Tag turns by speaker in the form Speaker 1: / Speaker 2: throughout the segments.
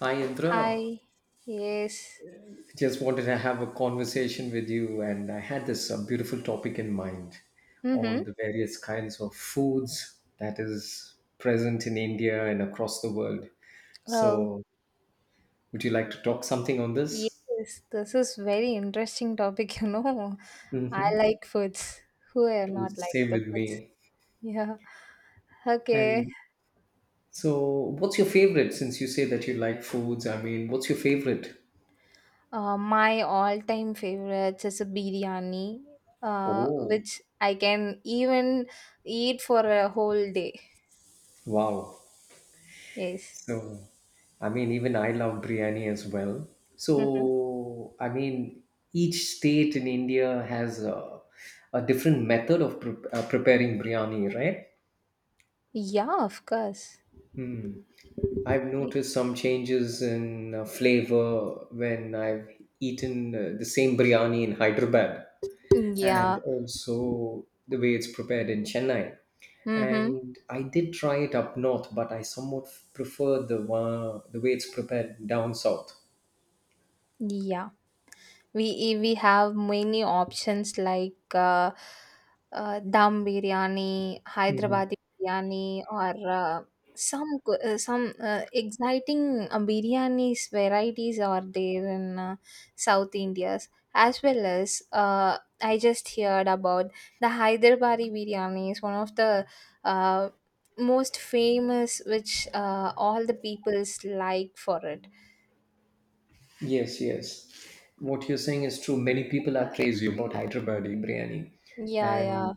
Speaker 1: Hi, Indra.
Speaker 2: Hi. Yes.
Speaker 1: Just wanted to have a conversation with you, and I had this beautiful topic in mind
Speaker 2: Mm-hmm.
Speaker 1: on the various kinds of foods that is present in India and across the world.
Speaker 2: Oh,
Speaker 1: So, would you like to talk something on this?
Speaker 2: yes. This is very interesting topic. I
Speaker 1: Mm-hmm.
Speaker 2: like foods. Who are not like
Speaker 1: Same
Speaker 2: the
Speaker 1: with me.
Speaker 2: foods? Yeah. Okay.
Speaker 1: And so, what's your favorite? Since you say that you like foods, I mean, what's your favorite?
Speaker 2: My all-time favorites is a biryani,
Speaker 1: Oh,
Speaker 2: which I can even eat for a whole day.
Speaker 1: wow.
Speaker 2: Yes.
Speaker 1: So, I mean, even I love biryani as well.
Speaker 2: Mm-hmm.
Speaker 1: So, I mean, each state in India has a different method of preparing biryani, right?
Speaker 2: Yeah, of course.
Speaker 1: Hmm. I've noticed some changes in flavor when I've eaten the same biryani in Hyderabad and
Speaker 2: Yeah.
Speaker 1: also the way it's prepared in Chennai.
Speaker 2: Mm-hmm.
Speaker 1: And I did try it up north, but I somewhat prefer the one, the way it's prepared down south.
Speaker 2: Yeah. We have many options, like dum biryani,
Speaker 1: Hmm.
Speaker 2: hyderabadi biryani, or uh, some exciting biryanis varieties are there in South India's, as well as. I just heard about the hyderabadi biryani is one of the uh, most famous, which all the peoples like for it.
Speaker 1: Yes, yes. What you're saying is true. Many people are crazy about Hyderabadi biryani,
Speaker 2: Yeah, yeah.
Speaker 1: and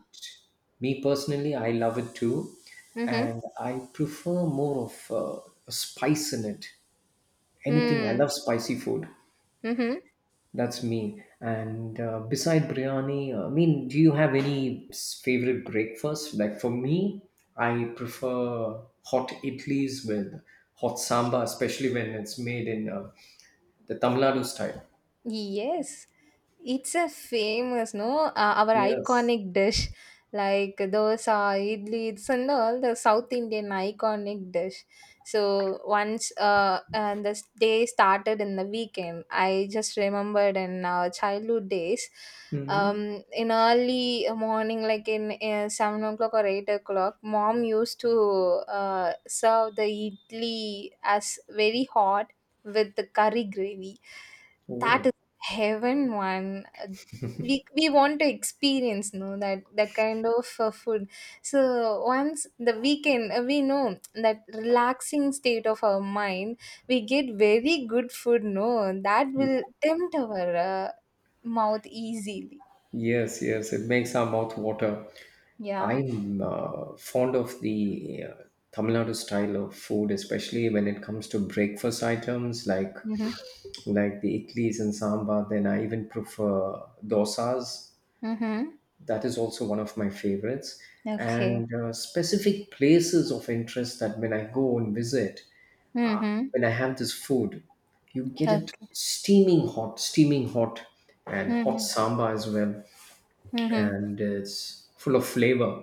Speaker 1: me personally, I love it too.
Speaker 2: Mm-hmm.
Speaker 1: And I prefer more of a spice in it. Anything I
Speaker 2: Hmm.
Speaker 1: love spicy food.
Speaker 2: Mm-hmm.
Speaker 1: That's me. And beside biryani, I mean, do you have any favorite breakfast? Like for me, I prefer hot idlis with hot sambar, especially when it's made in the Tamil Nadu style.
Speaker 2: Yes, it's a famous, no, our
Speaker 1: Yes.
Speaker 2: iconic dish, like dosa, idli, it's and all the South Indian iconic dish. So once and the day started in the weekend, I just remembered in our childhood days,
Speaker 1: Hmm.
Speaker 2: in early morning, like in 7 o'clock or 8 o'clock, mom used to serve the idli as very hot with the curry gravy. That
Speaker 1: Oh.
Speaker 2: heaven one, we want to experience, no, that that kind of food. So once the weekend, we know that relaxing state of our mind, we get very good food, no, that will tempt our mouth easily.
Speaker 1: Yes, yes. It makes our mouth water.
Speaker 2: Yeah.
Speaker 1: I'm fond of the Tamil Nadu style of food, especially when it comes to breakfast items like
Speaker 2: Mm-hmm.
Speaker 1: like the idlis and sambar. Then I even prefer dosas.
Speaker 2: Mm-hmm.
Speaker 1: That is also one of my favorites.
Speaker 2: Okay.
Speaker 1: And specific places of interest that when I go and visit,
Speaker 2: Mm-hmm.
Speaker 1: when I have this food, you get it
Speaker 2: Okay.
Speaker 1: steaming hot, and hot
Speaker 2: Mm-hmm.
Speaker 1: samba as well,
Speaker 2: Mm-hmm.
Speaker 1: and it's full of flavor.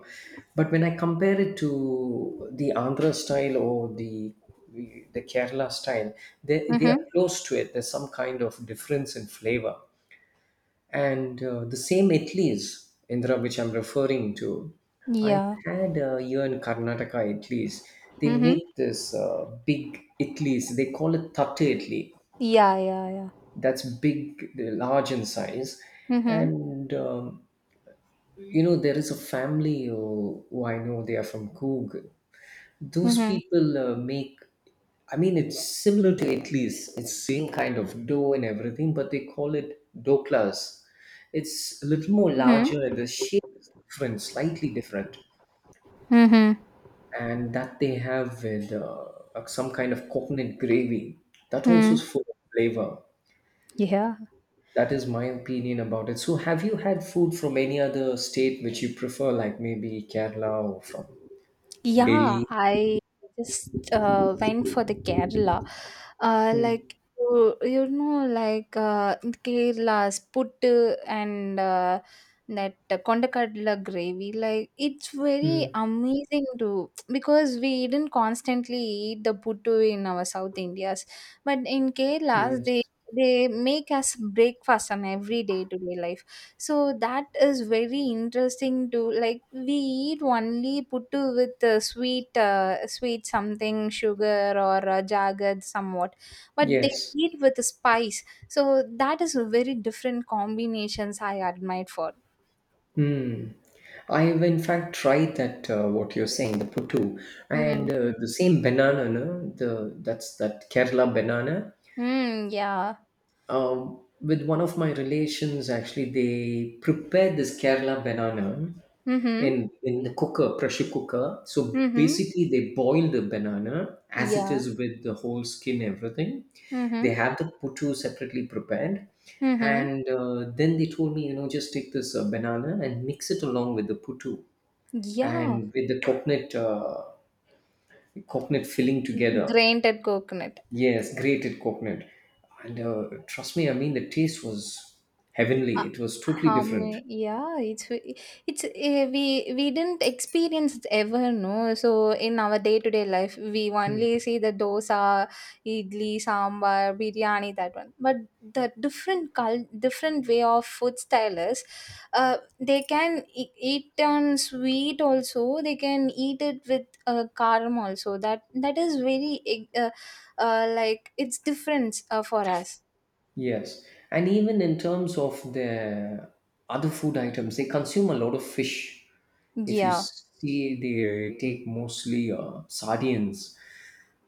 Speaker 1: But when I compare it to the Andhra style or the Kerala style, they
Speaker 2: Mm-hmm.
Speaker 1: are close to it. There's some kind of difference in flavor. And the same Itlis, Indra, which I'm referring to, I
Speaker 2: Yeah.
Speaker 1: had here in Karnataka Itlis. They
Speaker 2: Mm-hmm.
Speaker 1: make this big Itlis. They call it Tatte Itli.
Speaker 2: Yeah, yeah, yeah.
Speaker 1: That's big, they're large in size.
Speaker 2: Mm-hmm.
Speaker 1: And, you know, there is a family who I know, they are from Coorg. Those
Speaker 2: Mm-hmm.
Speaker 1: people make, I mean, it's similar to Italy's. It's same kind of dough and everything, but they call it doklas. It's a little more larger and
Speaker 2: Mm-hmm.
Speaker 1: the shape is different, slightly different.
Speaker 2: Mm-hmm.
Speaker 1: And that they have with some kind of coconut gravy. That also
Speaker 2: Mm-hmm.
Speaker 1: is full of flavor.
Speaker 2: Yeah.
Speaker 1: That is my opinion about it. So, have you had food from any other state which you prefer, like maybe Kerala or from
Speaker 2: Yeah,
Speaker 1: Delhi?
Speaker 2: I just went for the Kerala.
Speaker 1: Hmm.
Speaker 2: Like you, like in Kerala's puttu and that kondakadla gravy. Like it's very
Speaker 1: Hmm.
Speaker 2: amazing to, because we didn't constantly eat the puttu in our South Indias, but in Kerala's, they
Speaker 1: Yes.
Speaker 2: they make us breakfast on every day to day life. So that is very interesting to, like we eat only puttu with sweet sweet something sugar or jagged somewhat, but they
Speaker 1: Yes.
Speaker 2: eat with spice, so that is a very different combinations I admired for.
Speaker 1: Hmm. I've in fact tried that what you're saying, the puttu, and
Speaker 2: Mm.
Speaker 1: the same banana, no? the that's that Kerala banana.
Speaker 2: Mm, yeah.
Speaker 1: With one of my relations, actually, they prepared this Kerala banana
Speaker 2: Mm-hmm.
Speaker 1: in the cooker, pressure cooker. So
Speaker 2: Mm-hmm.
Speaker 1: basically, they boil the banana as it
Speaker 2: Yeah.
Speaker 1: is with the whole skin, everything. They
Speaker 2: Mm-hmm.
Speaker 1: have the puttu separately prepared.
Speaker 2: Mm-hmm.
Speaker 1: And then they told me, you know, just take this banana and mix it along with the puttu
Speaker 2: Yeah.
Speaker 1: and with the coconut filling together.
Speaker 2: Grated coconut.
Speaker 1: Yes, grated coconut. And trust me, I mean the taste was
Speaker 2: Uh,
Speaker 1: heavenly. It was totally
Speaker 2: Um,
Speaker 1: different.
Speaker 2: yeah, it's it's uh, we we didn't experience it ever, no. So in our day to day life, we
Speaker 1: Hmm.
Speaker 2: only see the dosa, idli, sambar, biryani, that one. But the different way of food style is, uh, they can eat on sweet also. They can eat it with karam also. That is very like it's different for us.
Speaker 1: Yes, and even in terms of the other food items, they consume a lot of fish. If you
Speaker 2: Yeah.
Speaker 1: see, they take mostly sardines.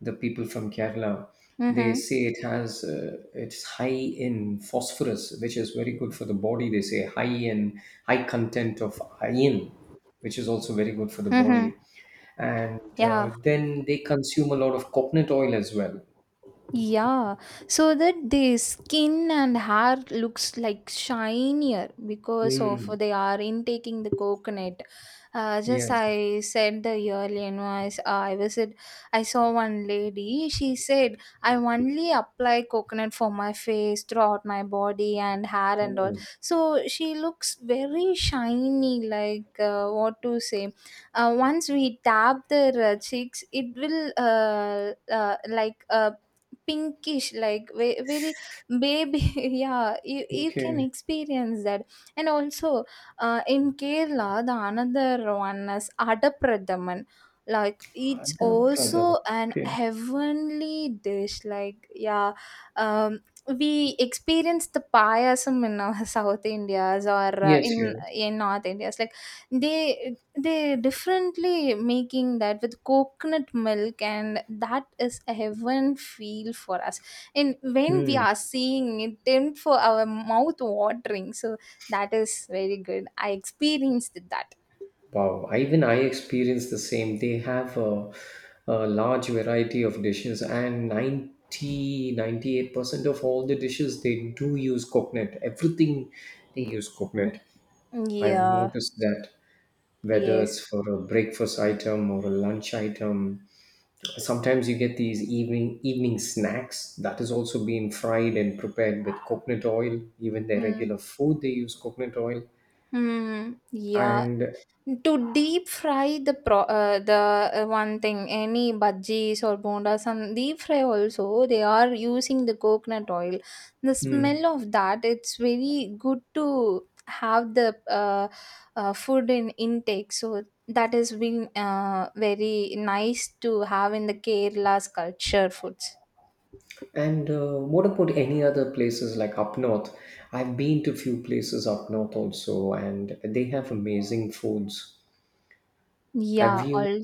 Speaker 1: The people from Kerala, they
Speaker 2: Mm-hmm.
Speaker 1: say it has it's high in phosphorus, which is very good for the body. They say high content of iron, which is also very good for the
Speaker 2: Mm-hmm.
Speaker 1: body. And
Speaker 2: Yeah.
Speaker 1: then they consume a lot of coconut oil as well.
Speaker 2: Yeah, so that the skin and hair looks like shinier because of
Speaker 1: Mm,
Speaker 2: they are intaking the coconut. Just
Speaker 1: yes.
Speaker 2: I said the earlier, no, I s- I visit, I saw one lady. She said, "I only apply coconut for my face, throughout my body and hair and all."
Speaker 1: Oh,
Speaker 2: So she looks very shiny, like what to say. Once we tap their cheeks, it will like. Pinkish, like very baby. Yeah, you can
Speaker 1: okay.
Speaker 2: experience that. And also in Kerala, the another one is Adapradaman. Like it's
Speaker 1: Other brother.
Speaker 2: also an
Speaker 1: Okay.
Speaker 2: heavenly dish, like. Yeah. um, we experience the payasam in South Indias or
Speaker 1: Yes,
Speaker 2: in
Speaker 1: yes.
Speaker 2: North Indias, like they they differently making that with coconut milk, and that is a heaven feel for us. And when we
Speaker 1: Hmm.
Speaker 2: are seeing it, then for our mouth watering, so that is very good, I experienced that.
Speaker 1: Wow. Even I experienced the same. They have a large variety of dishes, and 90 98% of all the dishes they do use coconut. Everything they use coconut. I've
Speaker 2: Yeah,
Speaker 1: noticed that whether it's
Speaker 2: yes.
Speaker 1: for a breakfast item or a lunch item, sometimes you get these evening snacks that is also being fried and prepared with coconut oil. Even their
Speaker 2: Hmm.
Speaker 1: regular food they use coconut oil
Speaker 2: Hmm. Yeah.
Speaker 1: and
Speaker 2: To deep fry the one thing, any bhajis or bondas, some deep fry also, they are using the coconut oil. The smell
Speaker 1: mm,
Speaker 2: of that, it's very good to have the food in intake. So that has been very nice to have in the Kerala's culture foods.
Speaker 1: what about any other places like up north? I've been to few places up north also, and they have amazing foods. Have
Speaker 2: Yeah,
Speaker 1: you
Speaker 2: all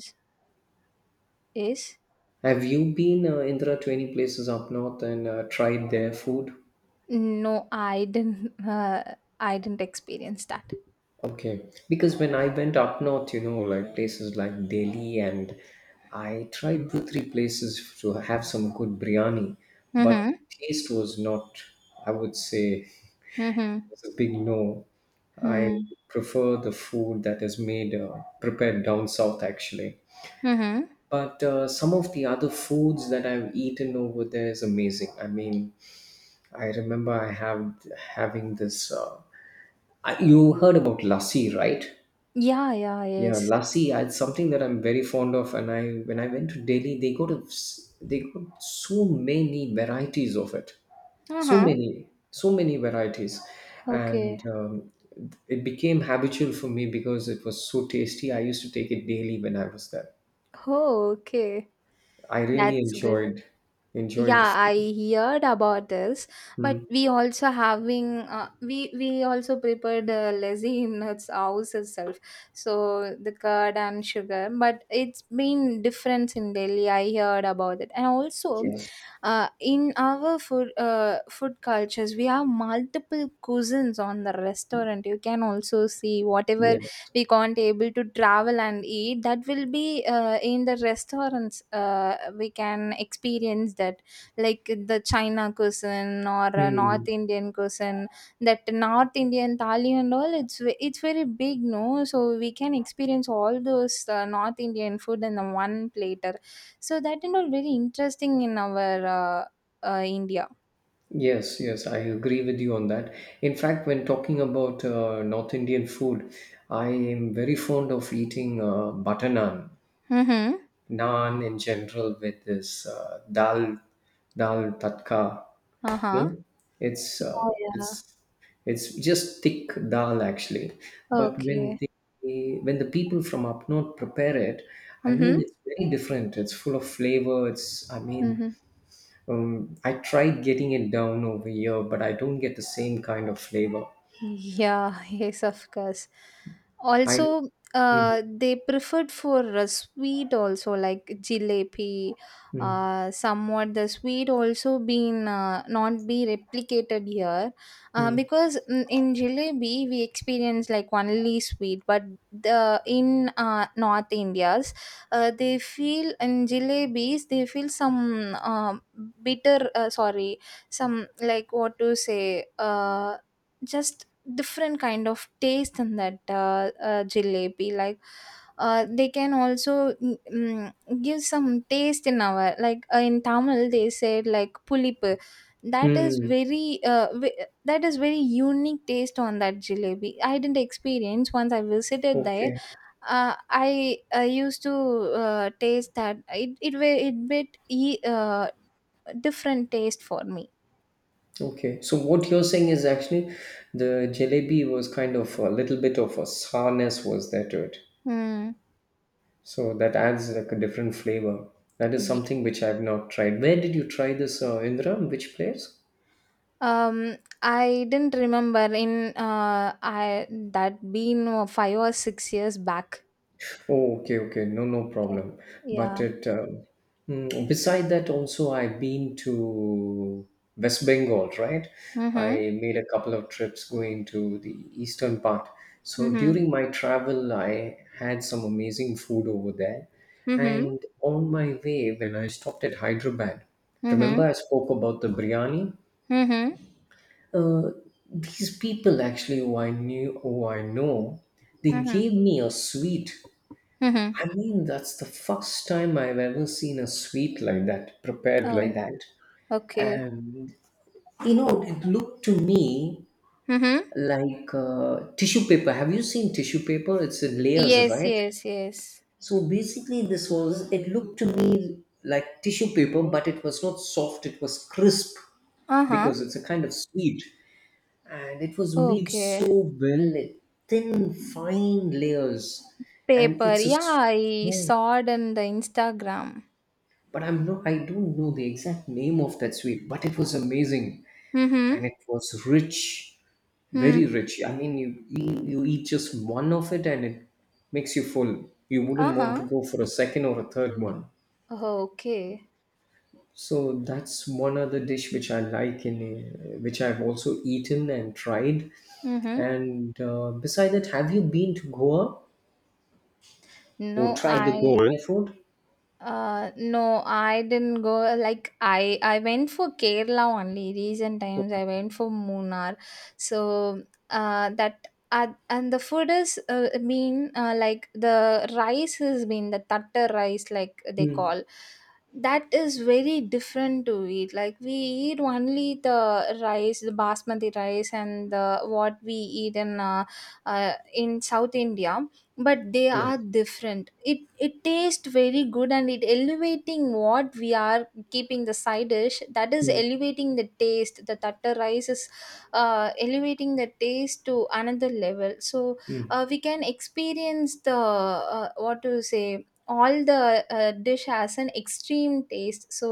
Speaker 2: is
Speaker 1: have you been Indra to any places up north and tried their food?
Speaker 2: no, I didn't. I didn't experience that.
Speaker 1: Okay, because when I went up north, you know, like places like Delhi, and I tried two, three places to have some good biryani, but the
Speaker 2: Mm-hmm.
Speaker 1: taste was not, I would say,
Speaker 2: Mm-hmm.
Speaker 1: it's a big no. I
Speaker 2: Mm-hmm.
Speaker 1: prefer the food that is made, prepared down south, actually.
Speaker 2: Mm-hmm.
Speaker 1: But some of the other foods that I've eaten over there is amazing. I mean, I remember I have having this. I, You heard about lassi, right?
Speaker 2: Yeah, yeah,
Speaker 1: Yeah,
Speaker 2: yes.
Speaker 1: lassi. It's something that I'm very fond of, and I when I went to Delhi, they they got so many varieties of it. so
Speaker 2: Uh-huh.
Speaker 1: many so many varieties, and
Speaker 2: Okay.
Speaker 1: it became habitual for me because it was so tasty. I used to take it daily when I was there.
Speaker 2: Oh, okay.
Speaker 1: I really
Speaker 2: That's good.
Speaker 1: enjoyed the
Speaker 2: Yeah,
Speaker 1: food.
Speaker 2: I heard about this. But
Speaker 1: Mm,
Speaker 2: we also having we also prepared lassi in its house itself, so the curd and sugar, but it's been difference in Delhi, I heard about it. And also
Speaker 1: yes,
Speaker 2: in our food food cultures, we have multiple cuisines on the restaurant, you can also see whatever
Speaker 1: yes.
Speaker 2: we can't able to travel and eat, that will be in the restaurants, we can experience that, like the China cuisine or a North
Speaker 1: Mm.
Speaker 2: Indian cuisine. That North Indian thali and all, it's very big, no? So we can experience all those North Indian food in the one platter. So that and all very interesting in our India.
Speaker 1: Yes, yes, I agree with you on that. In fact, when talking about North Indian food, I am very fond of eating butter naan.
Speaker 2: Mm-hmm.
Speaker 1: Naan in general with this dal tatka,
Speaker 2: Uh
Speaker 1: you
Speaker 2: huh.
Speaker 1: know, it's
Speaker 2: Yeah.
Speaker 1: it's
Speaker 2: Yeah.
Speaker 1: it's just thick dal actually. But when
Speaker 2: Okay.
Speaker 1: the when the people from up north prepare it, I mean,
Speaker 2: Mm-hmm.
Speaker 1: it's very different, it's full of flavor. It's I mean
Speaker 2: Mm-hmm.
Speaker 1: I tried getting it down over here, but I don't get the same kind of flavor.
Speaker 2: Yeah, yes, of course.
Speaker 1: I
Speaker 2: Also,
Speaker 1: mm,
Speaker 2: they preferred for sweet also, like jalebi.
Speaker 1: mm,
Speaker 2: Somewhat the sweet also been not be replicated here,
Speaker 1: mm,
Speaker 2: because in jalebi we experience like only sweet, but the in North India's, they feel in jalebis, they feel some bitter, sorry, some, like what to say, just different kind of taste in that jalebi. Like they can also give some taste in our, like in Tamil they said like pulipu, that is
Speaker 1: mm.
Speaker 2: very that is very unique taste on that jalebi, I didn't experience. Once I visited there,
Speaker 1: Okay.
Speaker 2: uh, i I used to taste that, it bit e- uh, different taste for me.
Speaker 1: Okay, so what you're saying is actually the jalebi was kind of a little bit of a sourness was there to it.
Speaker 2: Hmm.
Speaker 1: So that adds like a different flavor. That is something which I've not tried. Where did you try this, Indra? In which place?
Speaker 2: Um, I didn't remember in I that been 5 or 6 years back.
Speaker 1: Oh, okay, okay, no, no
Speaker 2: Okay.
Speaker 1: problem. But
Speaker 2: Yeah.
Speaker 1: beside that, also I've been to West Bengal, right?
Speaker 2: Mm-hmm.
Speaker 1: I made a couple of trips going to the eastern part. So
Speaker 2: Mm-hmm.
Speaker 1: during my travel, I had some amazing food over there.
Speaker 2: Mm-hmm.
Speaker 1: And on my way, when I stopped at Hyderabad,
Speaker 2: Mm-hmm.
Speaker 1: remember I spoke about the biryani?
Speaker 2: Mm-hmm.
Speaker 1: Uh, these people actually who I know, they
Speaker 2: Mm-hmm.
Speaker 1: gave me a sweet.
Speaker 2: Mm-hmm.
Speaker 1: I mean, that's the first time I've ever seen a sweet like that, prepared like
Speaker 2: Oh,
Speaker 1: that.
Speaker 2: okay.
Speaker 1: And, you know, it looked to me
Speaker 2: Mm-hmm.
Speaker 1: like tissue paper. Have you seen tissue paper? It's in layers,
Speaker 2: Yes,
Speaker 1: right?
Speaker 2: yes, yes.
Speaker 1: So basically, it looked to me like tissue paper, but it was not soft, it was crisp
Speaker 2: Uh-huh.
Speaker 1: because it's a kind of sweet. And it was made so
Speaker 2: Okay.
Speaker 1: well, like, thin, fine layers. And
Speaker 2: Paper. Yeah, I
Speaker 1: yeah,
Speaker 2: saw it in the Instagram.
Speaker 1: but I don't know the exact name of that sweet, but it was amazing
Speaker 2: Mm-hmm.
Speaker 1: and it was rich,
Speaker 2: Mm.
Speaker 1: very rich. I mean, you eat just one of it and it makes you full. You wouldn't want
Speaker 2: Uh-huh.
Speaker 1: to go for a second or a third one.
Speaker 2: Okay.
Speaker 1: So that's one other dish which I like in which I've also eaten and tried.
Speaker 2: Mm-hmm.
Speaker 1: And beside that, have you been to Goa or
Speaker 2: No,
Speaker 1: tried the
Speaker 2: I.
Speaker 1: Goa food?
Speaker 2: No, I didn't go. Like I went for Kerala only. Recent
Speaker 1: Oh,
Speaker 2: times, I went for Munnar. So, that and the food is mean like, the rice has been the tatta rice, like they
Speaker 1: hmm.
Speaker 2: call. That is very different to eat. Like we eat only the rice, the basmati rice, and the what we eat in South India, but they
Speaker 1: Yes.
Speaker 2: are different, it tastes very good, and it elevating what we are keeping the side dish, that is
Speaker 1: Hmm.
Speaker 2: elevating the taste. The tatar rice is elevating the taste to another level. So
Speaker 1: Hmm.
Speaker 2: we can experience the what to say, all the dish has an extreme taste. So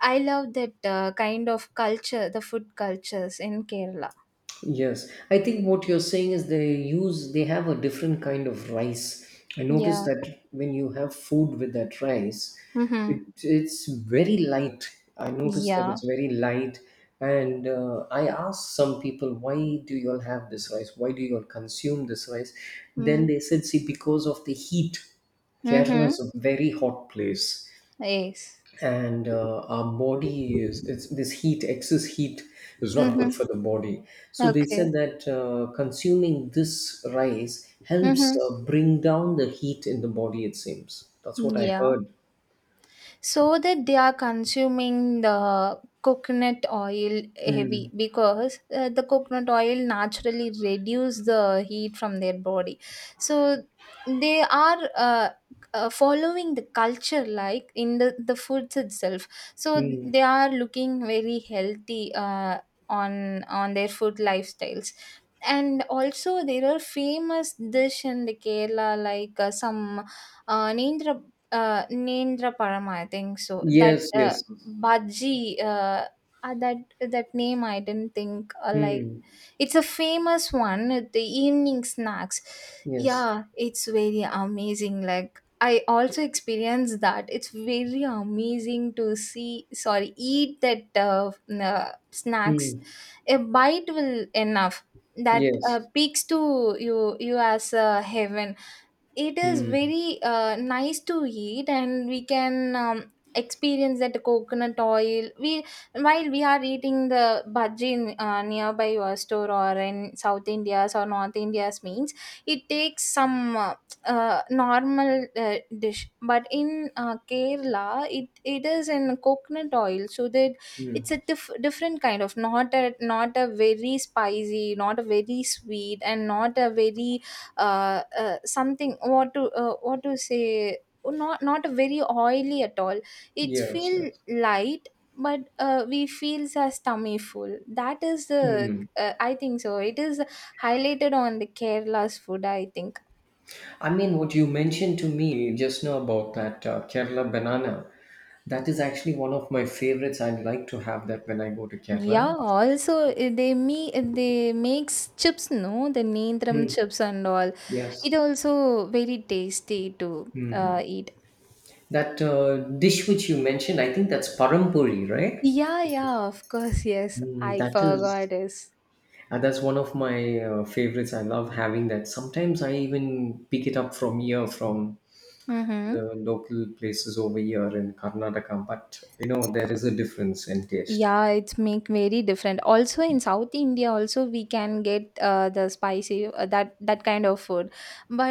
Speaker 2: I love that kind of culture, the food cultures in Kerala.
Speaker 1: Yes, I think what you're saying is they have a different kind of rice. I noticed
Speaker 2: Yeah.
Speaker 1: that when you have food with that rice,
Speaker 2: Mm-hmm.
Speaker 1: it it's very light. I noticed that
Speaker 2: Yeah.
Speaker 1: it's very light, and I asked some people, "Why do you all have this rice? Why do you all consume this rice?" Then
Speaker 2: Mm-hmm.
Speaker 1: they said, "See, because of the heat." Kerala
Speaker 2: Mm-hmm.
Speaker 1: is a very hot place,
Speaker 2: Yes.
Speaker 1: and our body is it's this heat, excess heat is not good
Speaker 2: Mhm.
Speaker 1: for the body. So they
Speaker 2: Okay.
Speaker 1: said that consuming this rice helps
Speaker 2: Mhm.
Speaker 1: bring down the heat in the body, it seems. That's what I
Speaker 2: Yeah.
Speaker 1: heard.
Speaker 2: So that they are consuming the coconut oil heavy,
Speaker 1: Hmm.
Speaker 2: because the coconut oil naturally reduce the heat from their body. So they are following the culture, like in the foods itself. So
Speaker 1: Hmm.
Speaker 2: they are looking very healthy on their food lifestyles. And also there are famous dish in the Kerala, like some uh, Nendra Nendraparam, I think so. That
Speaker 1: Yes, yes.
Speaker 2: bhaji, that name I didn't think, like
Speaker 1: Hmm.
Speaker 2: it's a famous one. The evening snacks,
Speaker 1: Yes.
Speaker 2: yeah, it's very amazing. Like I also experienced that. It's very amazing to see. Sorry, eat that snacks.
Speaker 1: Hmm.
Speaker 2: A bite will enough. That
Speaker 1: Yes.
Speaker 2: peaks to you as a heaven, it is
Speaker 1: Hmm.
Speaker 2: very nice to eat, and we can experience that coconut oil. We While we are eating the bhaji in nearby your store or in South India's or North India's means, it takes some normal dish, but in Kerala, it is in coconut oil, so that
Speaker 1: Hmm.
Speaker 2: it's a different kind of, not a very spicy, not a very sweet, and not a very something, what to say, not very oily at all. It
Speaker 1: Yes,
Speaker 2: feel
Speaker 1: yes.
Speaker 2: light, but we feels as tummy full. That is the,
Speaker 1: Hmm.
Speaker 2: I think so, it is highlighted on the Kerala's food, I think.
Speaker 1: I mean, what you mentioned to me just now about that Kerala banana, that is actually one of my favorites. I like to have that when I go to
Speaker 2: Yeah,
Speaker 1: Kerala.
Speaker 2: also they makes chips, no, the neendram
Speaker 1: Mm,
Speaker 2: chips and all, it
Speaker 1: yes.
Speaker 2: also very tasty to eat.
Speaker 1: That dish which you mentioned, I think that's parampuri, right?
Speaker 2: Yeah, yeah, of course, yes.
Speaker 1: Mm,
Speaker 2: I
Speaker 1: that
Speaker 2: forgot
Speaker 1: is,
Speaker 2: this.
Speaker 1: that's one of my favorites. I love having that. Sometimes I even pick it up from here, from
Speaker 2: Mm-hmm.
Speaker 1: the local places over here in Karnataka. But you know, there is a difference in taste.
Speaker 2: Yeah, it's make very different. Also in South India, also we can get the spicy that kind of food,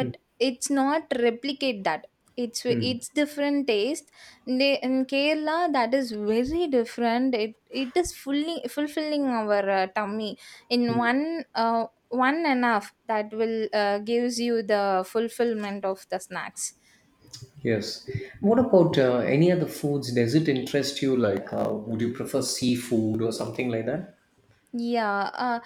Speaker 1: Mm.
Speaker 2: it's not replicate that. It's
Speaker 1: Mm.
Speaker 2: it's different taste. They, in Kerala, that is very different. It is fully fulfilling our tummy, in one one enough that will gives you the fulfillment of the snacks.
Speaker 1: Yes. What about any other foods? Does it interest you? Like, would you prefer seafood or something like that?
Speaker 2: Yeah,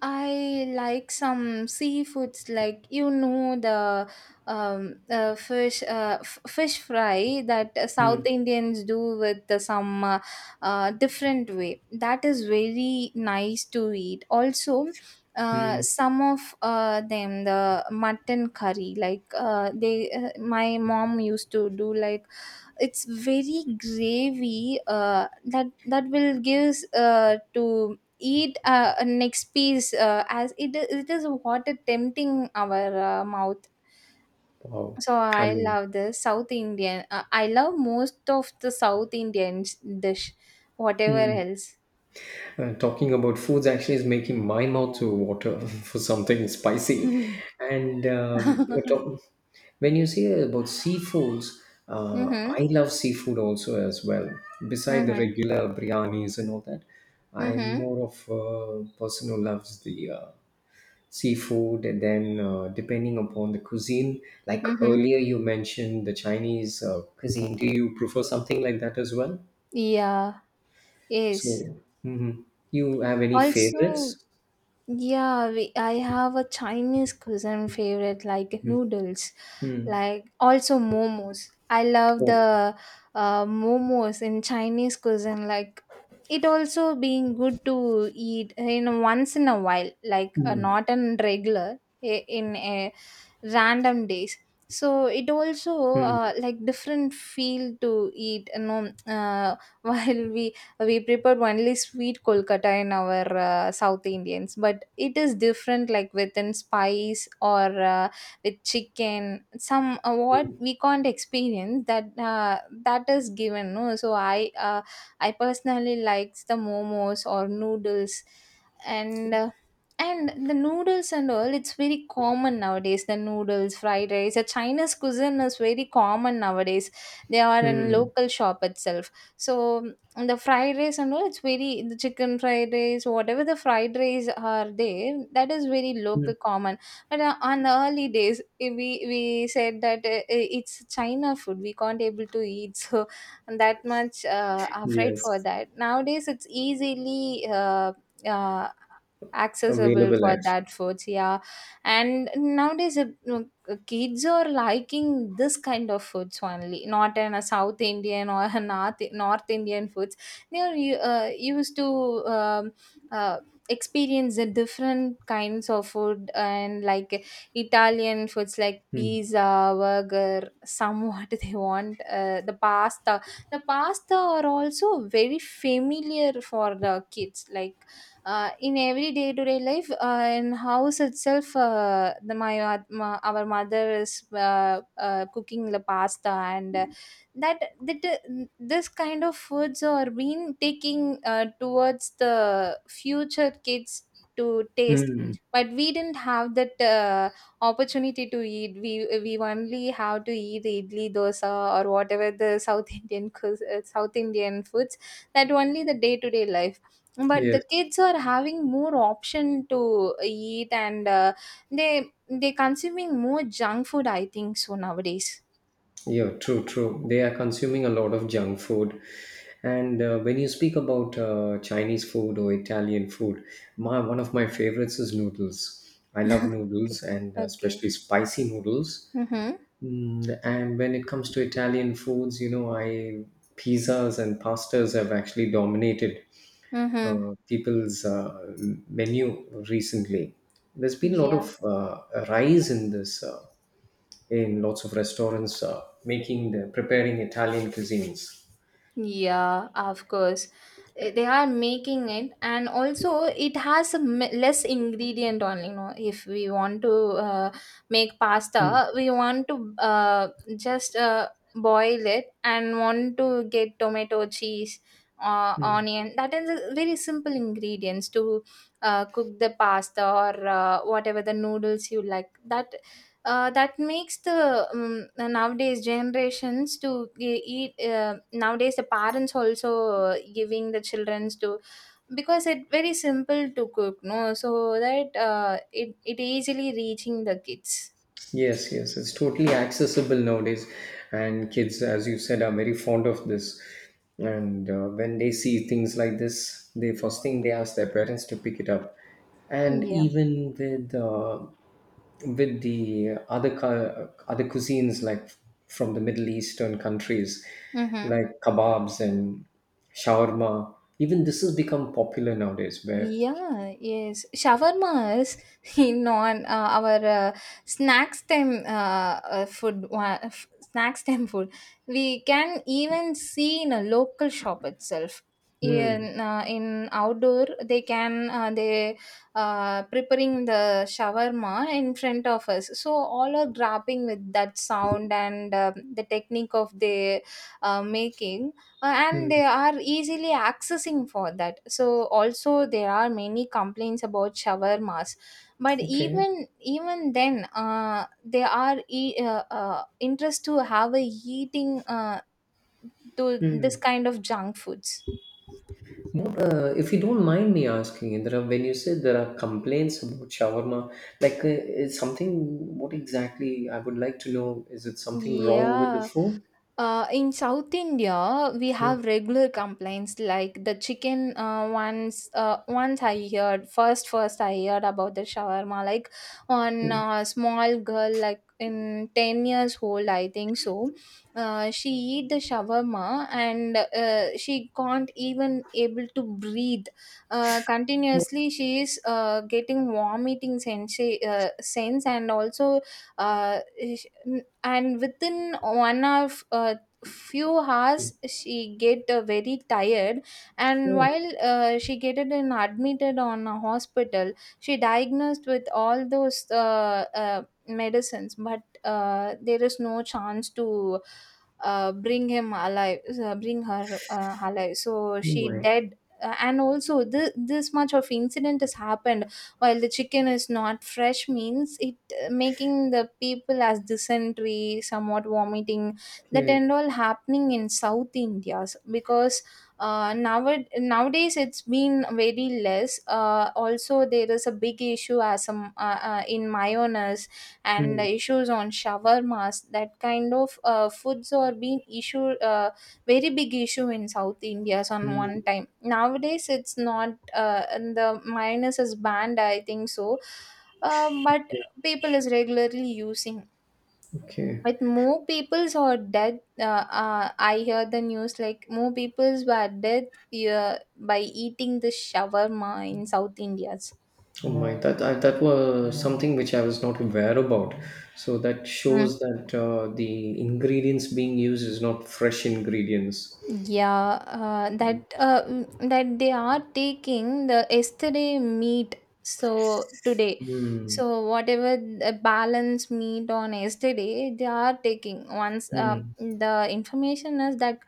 Speaker 2: I like some seafoods, like you know, the fish fish fry that South
Speaker 1: Mm.
Speaker 2: Indians do with the, some different way. That is very nice to eat. Also,
Speaker 1: Mm.
Speaker 2: some of them the mutton curry like, they, my mom used to do like it's very gravy, that will gives, to eat a next piece, as it is what tempting our mouth.
Speaker 1: Wow.
Speaker 2: So
Speaker 1: I
Speaker 2: I
Speaker 1: mean,
Speaker 2: love the South Indian, I love most of the South Indian dish, whatever else.
Speaker 1: talking about foods actually is making my mouth to water for something spicy.
Speaker 2: Mm-hmm.
Speaker 1: And when you say about seafoods,
Speaker 2: Mm-hmm.
Speaker 1: I love seafood also as well. Beside the regular biryanis and all that, I'm
Speaker 2: Mm-hmm.
Speaker 1: more of a person who loves the seafood, and then depending upon the cuisine, like
Speaker 2: Mm-hmm.
Speaker 1: earlier you mentioned the Chinese cuisine, do you prefer something like that as well?
Speaker 2: Yeah, yes.
Speaker 1: So mhm. You have any
Speaker 2: Also,
Speaker 1: favorites?
Speaker 2: yeah, I have a Chinese cuisine favorite like noodles.
Speaker 1: Hmm.
Speaker 2: Like, also momos. I love
Speaker 1: Oh.
Speaker 2: the momos in Chinese cuisine. Like, it also being good to eat in once in a while, like,
Speaker 1: mm,
Speaker 2: not in regular, in a random days. So it also,
Speaker 1: mm,
Speaker 2: like, different feel to eat, while we prepared only sweet Kolkata in our South Indians, but it is different, like within spice, or uh, with chicken, some what
Speaker 1: mm,
Speaker 2: we can't experience, that that is given, no. So I personally likes the momos or noodles. And uh, and the noodles and all, it's very common nowadays. The noodles, fried rice, the Chinese cuisine is very common nowadays. They are in
Speaker 1: mm,
Speaker 2: local shop itself. So, and the fried rice and all, it's very, the chicken fried rice, whatever the fried rice are there, that is very local
Speaker 1: mm.
Speaker 2: common. But on the early days, we said that, it's china food we can't able to eat. So that much afraid for
Speaker 1: Yes,
Speaker 2: that. Nowadays it's easily, uh, accessible
Speaker 1: available
Speaker 2: for
Speaker 1: actually.
Speaker 2: that foods, yeah. And nowadays, no, kids are liking this kind of foods only, not in a South Indian or a north Indian foods. They are used to, um, uh, experience the different kinds of food, and like Italian foods like
Speaker 1: mm,
Speaker 2: pizza, burger, some what they want, the pasta. The pasta are also very familiar for the kids, like in every day to day life, in house itself, my our mother is cooking the pasta. And that, this kind of foods are being taking towards the future kids to taste.
Speaker 1: mm,
Speaker 2: But we didn't have that opportunity to eat. We only have to eat idli dosa, or whatever the South Indian South Indian foods. That only the day to day life, but the
Speaker 1: yes.
Speaker 2: kids are having more option to eat. And they they consuming more junk food, I think so, nowadays.
Speaker 1: Yeah, true, true. They are consuming a lot of junk food. And when you speak about Chinese food or Italian food, my, one of my favorites is noodles. I love
Speaker 2: Okay.
Speaker 1: noodles, and
Speaker 2: Okay.
Speaker 1: especially spicy noodles.
Speaker 2: Mm-hmm.
Speaker 1: Mm, and when it comes to Italian foods, you know, I, pizzas and pastas have actually dominated
Speaker 2: Mm-hmm.
Speaker 1: people's menu recently. There's been a lot
Speaker 2: Yeah.
Speaker 1: of rise in this. In lots of restaurants making the preparing Italian cuisines.
Speaker 2: Yeah, of course. They are making it, and also it has a less ingredient only. If we want to uh, make
Speaker 1: Mm.
Speaker 2: pasta, we want to just boil it and want to get tomato, cheese, onion. That is a very simple ingredients to cook the pasta, or whatever the noodles you like. That, that makes the nowadays generations to eat. Nowadays the parents also giving the childrens to, because it very simple to cook, no, so that it easily reaching the kids.
Speaker 1: Yes, yes, it's totally accessible nowadays, and kids, as you said, are very fond of this. And when they see things like this, the first thing they ask their parents to pick it up. And
Speaker 2: Yeah.
Speaker 1: even with with the other cuisines like from the Middle Eastern countries,
Speaker 2: Mm-hmm.
Speaker 1: like kebabs and shawarma, even this has become popular nowadays, where
Speaker 2: Yeah, yes. Shawarma is in on our snacks time food. Snacks time food. We can even see in a local shop itself.
Speaker 1: Hmm.
Speaker 2: In outdoor, they can, they preparing the shawarma in front of us. So all are grabbing with that sound, and the technique of the making. And they
Speaker 1: Mm.
Speaker 2: are easily accessing for that. So also there are many complaints about shawarmas, but
Speaker 1: Okay.
Speaker 2: even then they are interest to have a eating, to this
Speaker 1: Hmm.
Speaker 2: kind of junk foods.
Speaker 1: What, if you don't mind me asking, there are, when you said there are complaints about shawarma, like is something, what exactly I would like to know, is it something wrong with the
Speaker 2: Yeah.
Speaker 1: food?
Speaker 2: In South India, we
Speaker 1: Mm.
Speaker 2: have regular complaints, like the chicken. Once I heard, first I heard about the shawarma. Like on a small girl, like in 10 years old, I think so. She eat the shawarma, and she can't even able to breathe. Continuously, she is getting vomiting sense, sense, and also, uh, and within one of few hours she get very tired. And
Speaker 1: Oh, oh
Speaker 2: while she get it, and admitted on a hospital, she diagnosed with all those medicines, but there is no chance to bring him alive, bring her alive. So she
Speaker 1: my.
Speaker 2: dead. And also this much of incident has happened while the chicken is not fresh means, making the people as dysentery, somewhat vomiting. That
Speaker 1: Yeah.
Speaker 2: and all happening in South India, because now nowadays it's been very less. Also there is a big issue, as some in mayonnaise, and
Speaker 1: Hmm.
Speaker 2: issues on shawarmas. That kind of foods are being issue, very big issue in South India's on one
Speaker 1: Mm.
Speaker 2: time. Nowadays it's not. And the mayonnaise is banned, I think so. But people is regularly using,
Speaker 1: Okay.
Speaker 2: but more peoples are dead. I hear the news like more peoples were dead by eating the shawarma in South India's.
Speaker 1: Oh my, that I, that was something which I was not aware about. So that shows that the ingredients being used is not fresh ingredients.
Speaker 2: Yeah, that they are taking the yesterday meat. So today,
Speaker 1: Hmm.
Speaker 2: so whatever the balance meat on yesterday, they are taking. Once
Speaker 1: Hmm.
Speaker 2: the information is that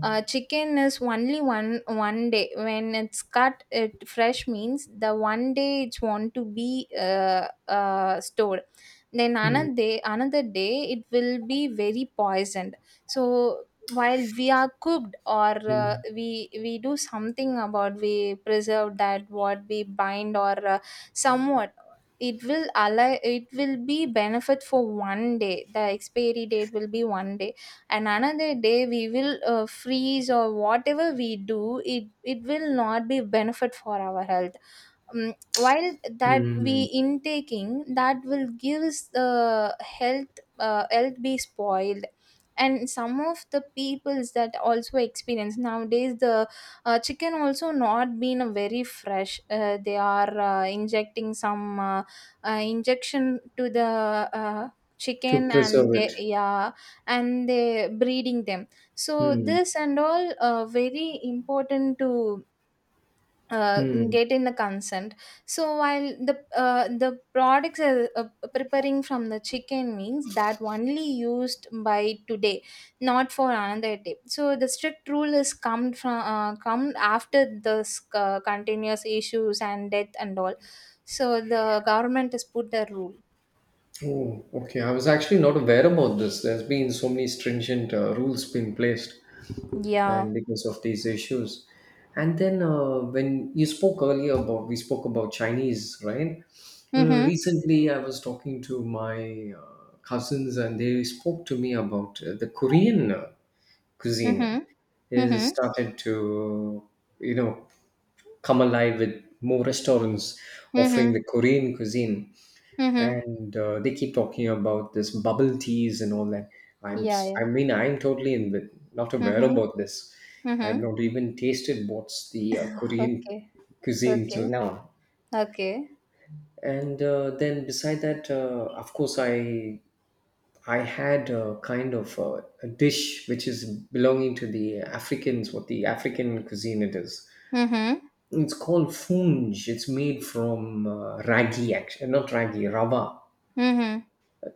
Speaker 2: chicken is only one day when it's cut. It fresh means the one day it's want to be stored. Then another day it will be very poisoned. So while we are cooked, or
Speaker 1: Hmm.
Speaker 2: we do something about, we preserve that, what we bind or somewhat, it will allow, it will be benefit for one day. The expiry date will be one day, and another day we will freeze or whatever we do, it will not be benefit for our health. While that we
Speaker 1: Mm.
Speaker 2: intaking, that will gives the health be spoiled. And some of the peoples that also experience nowadays, the chicken also not been a very fresh. They are injecting some injection to the
Speaker 1: To
Speaker 2: chicken,
Speaker 1: preserve
Speaker 2: and they,
Speaker 1: it.
Speaker 2: yeah. And they breeding them. So
Speaker 1: Hmm.
Speaker 2: this and all very important to uh, get in the consent. So while the the products are, preparing from the chicken means that only used by today, not for another day. So the strict rule is come from, come after this continuous issues and death and all. So the government has put the rule.
Speaker 1: Oh, okay. I was actually not aware about this. There's been so many stringent rules being placed,
Speaker 2: Yeah.
Speaker 1: and because of these issues. And then when you spoke earlier about, we spoke about Chinese, right?
Speaker 2: Mhm.
Speaker 1: Recently, I was talking to my cousins, and they spoke to me about the Korean cuisine
Speaker 2: Mhm.
Speaker 1: is
Speaker 2: Mhm.
Speaker 1: started to, you know, come alive with more restaurants offering
Speaker 2: Mhm.
Speaker 1: the Korean cuisine.
Speaker 2: Mhm.
Speaker 1: And they keep talking about this bubble teas and all that. i'm
Speaker 2: Yeah,
Speaker 1: s- i
Speaker 2: yeah.
Speaker 1: mean I'm totally in with not aware
Speaker 2: Mhm,
Speaker 1: about this.
Speaker 2: mhm.
Speaker 1: I've not even tasted what's the Korean
Speaker 2: Okay,
Speaker 1: cuisine
Speaker 2: okay,
Speaker 1: till now.
Speaker 2: okay.
Speaker 1: And then beside that, of course, I had a kind of a dish which is belonging to the Africans, what the African cuisine it is.
Speaker 2: Mhm,
Speaker 1: It's called funj. It's made from ragi actually not ragi rava.
Speaker 2: mhm.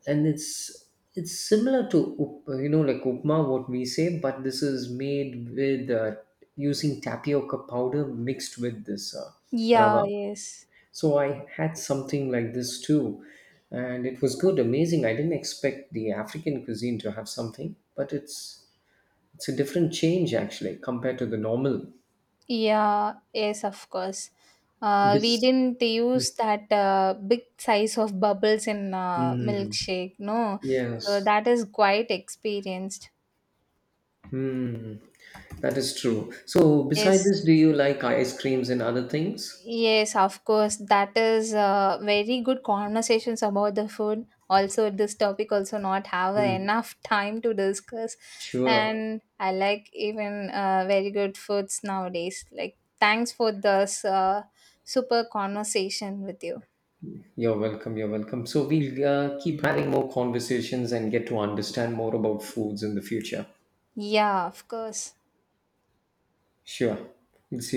Speaker 1: And it's similar to you know, like upma, what we say, but this is made with using tapioca powder mixed with this
Speaker 2: Yeah,
Speaker 1: rava.
Speaker 2: yes.
Speaker 1: So I had something like this too, and it was good, amazing. I didn't expect the African cuisine to have something, but it's a different change actually compared to the normal.
Speaker 2: Yeah, yes, of course. We
Speaker 1: Bes-
Speaker 2: didn't use that big size of bubbles in
Speaker 1: Mm,
Speaker 2: milkshake, no. So
Speaker 1: yes,
Speaker 2: that is quite experienced.
Speaker 1: that is true. So
Speaker 2: Yes,
Speaker 1: beside this, do you like ice creams and other things?
Speaker 2: Yes, of course. That is very good conversations about the food. Also, this topic also not have
Speaker 1: Hmm,
Speaker 2: enough time to discuss.
Speaker 1: sure.
Speaker 2: And I like even very good foods nowadays. Like, thanks for this super conversation with you.
Speaker 1: You're welcome. You're welcome. So we'll keep having more conversations and get to understand more about foods in the future.
Speaker 2: Yeah, of course.
Speaker 1: Sure. We'll see.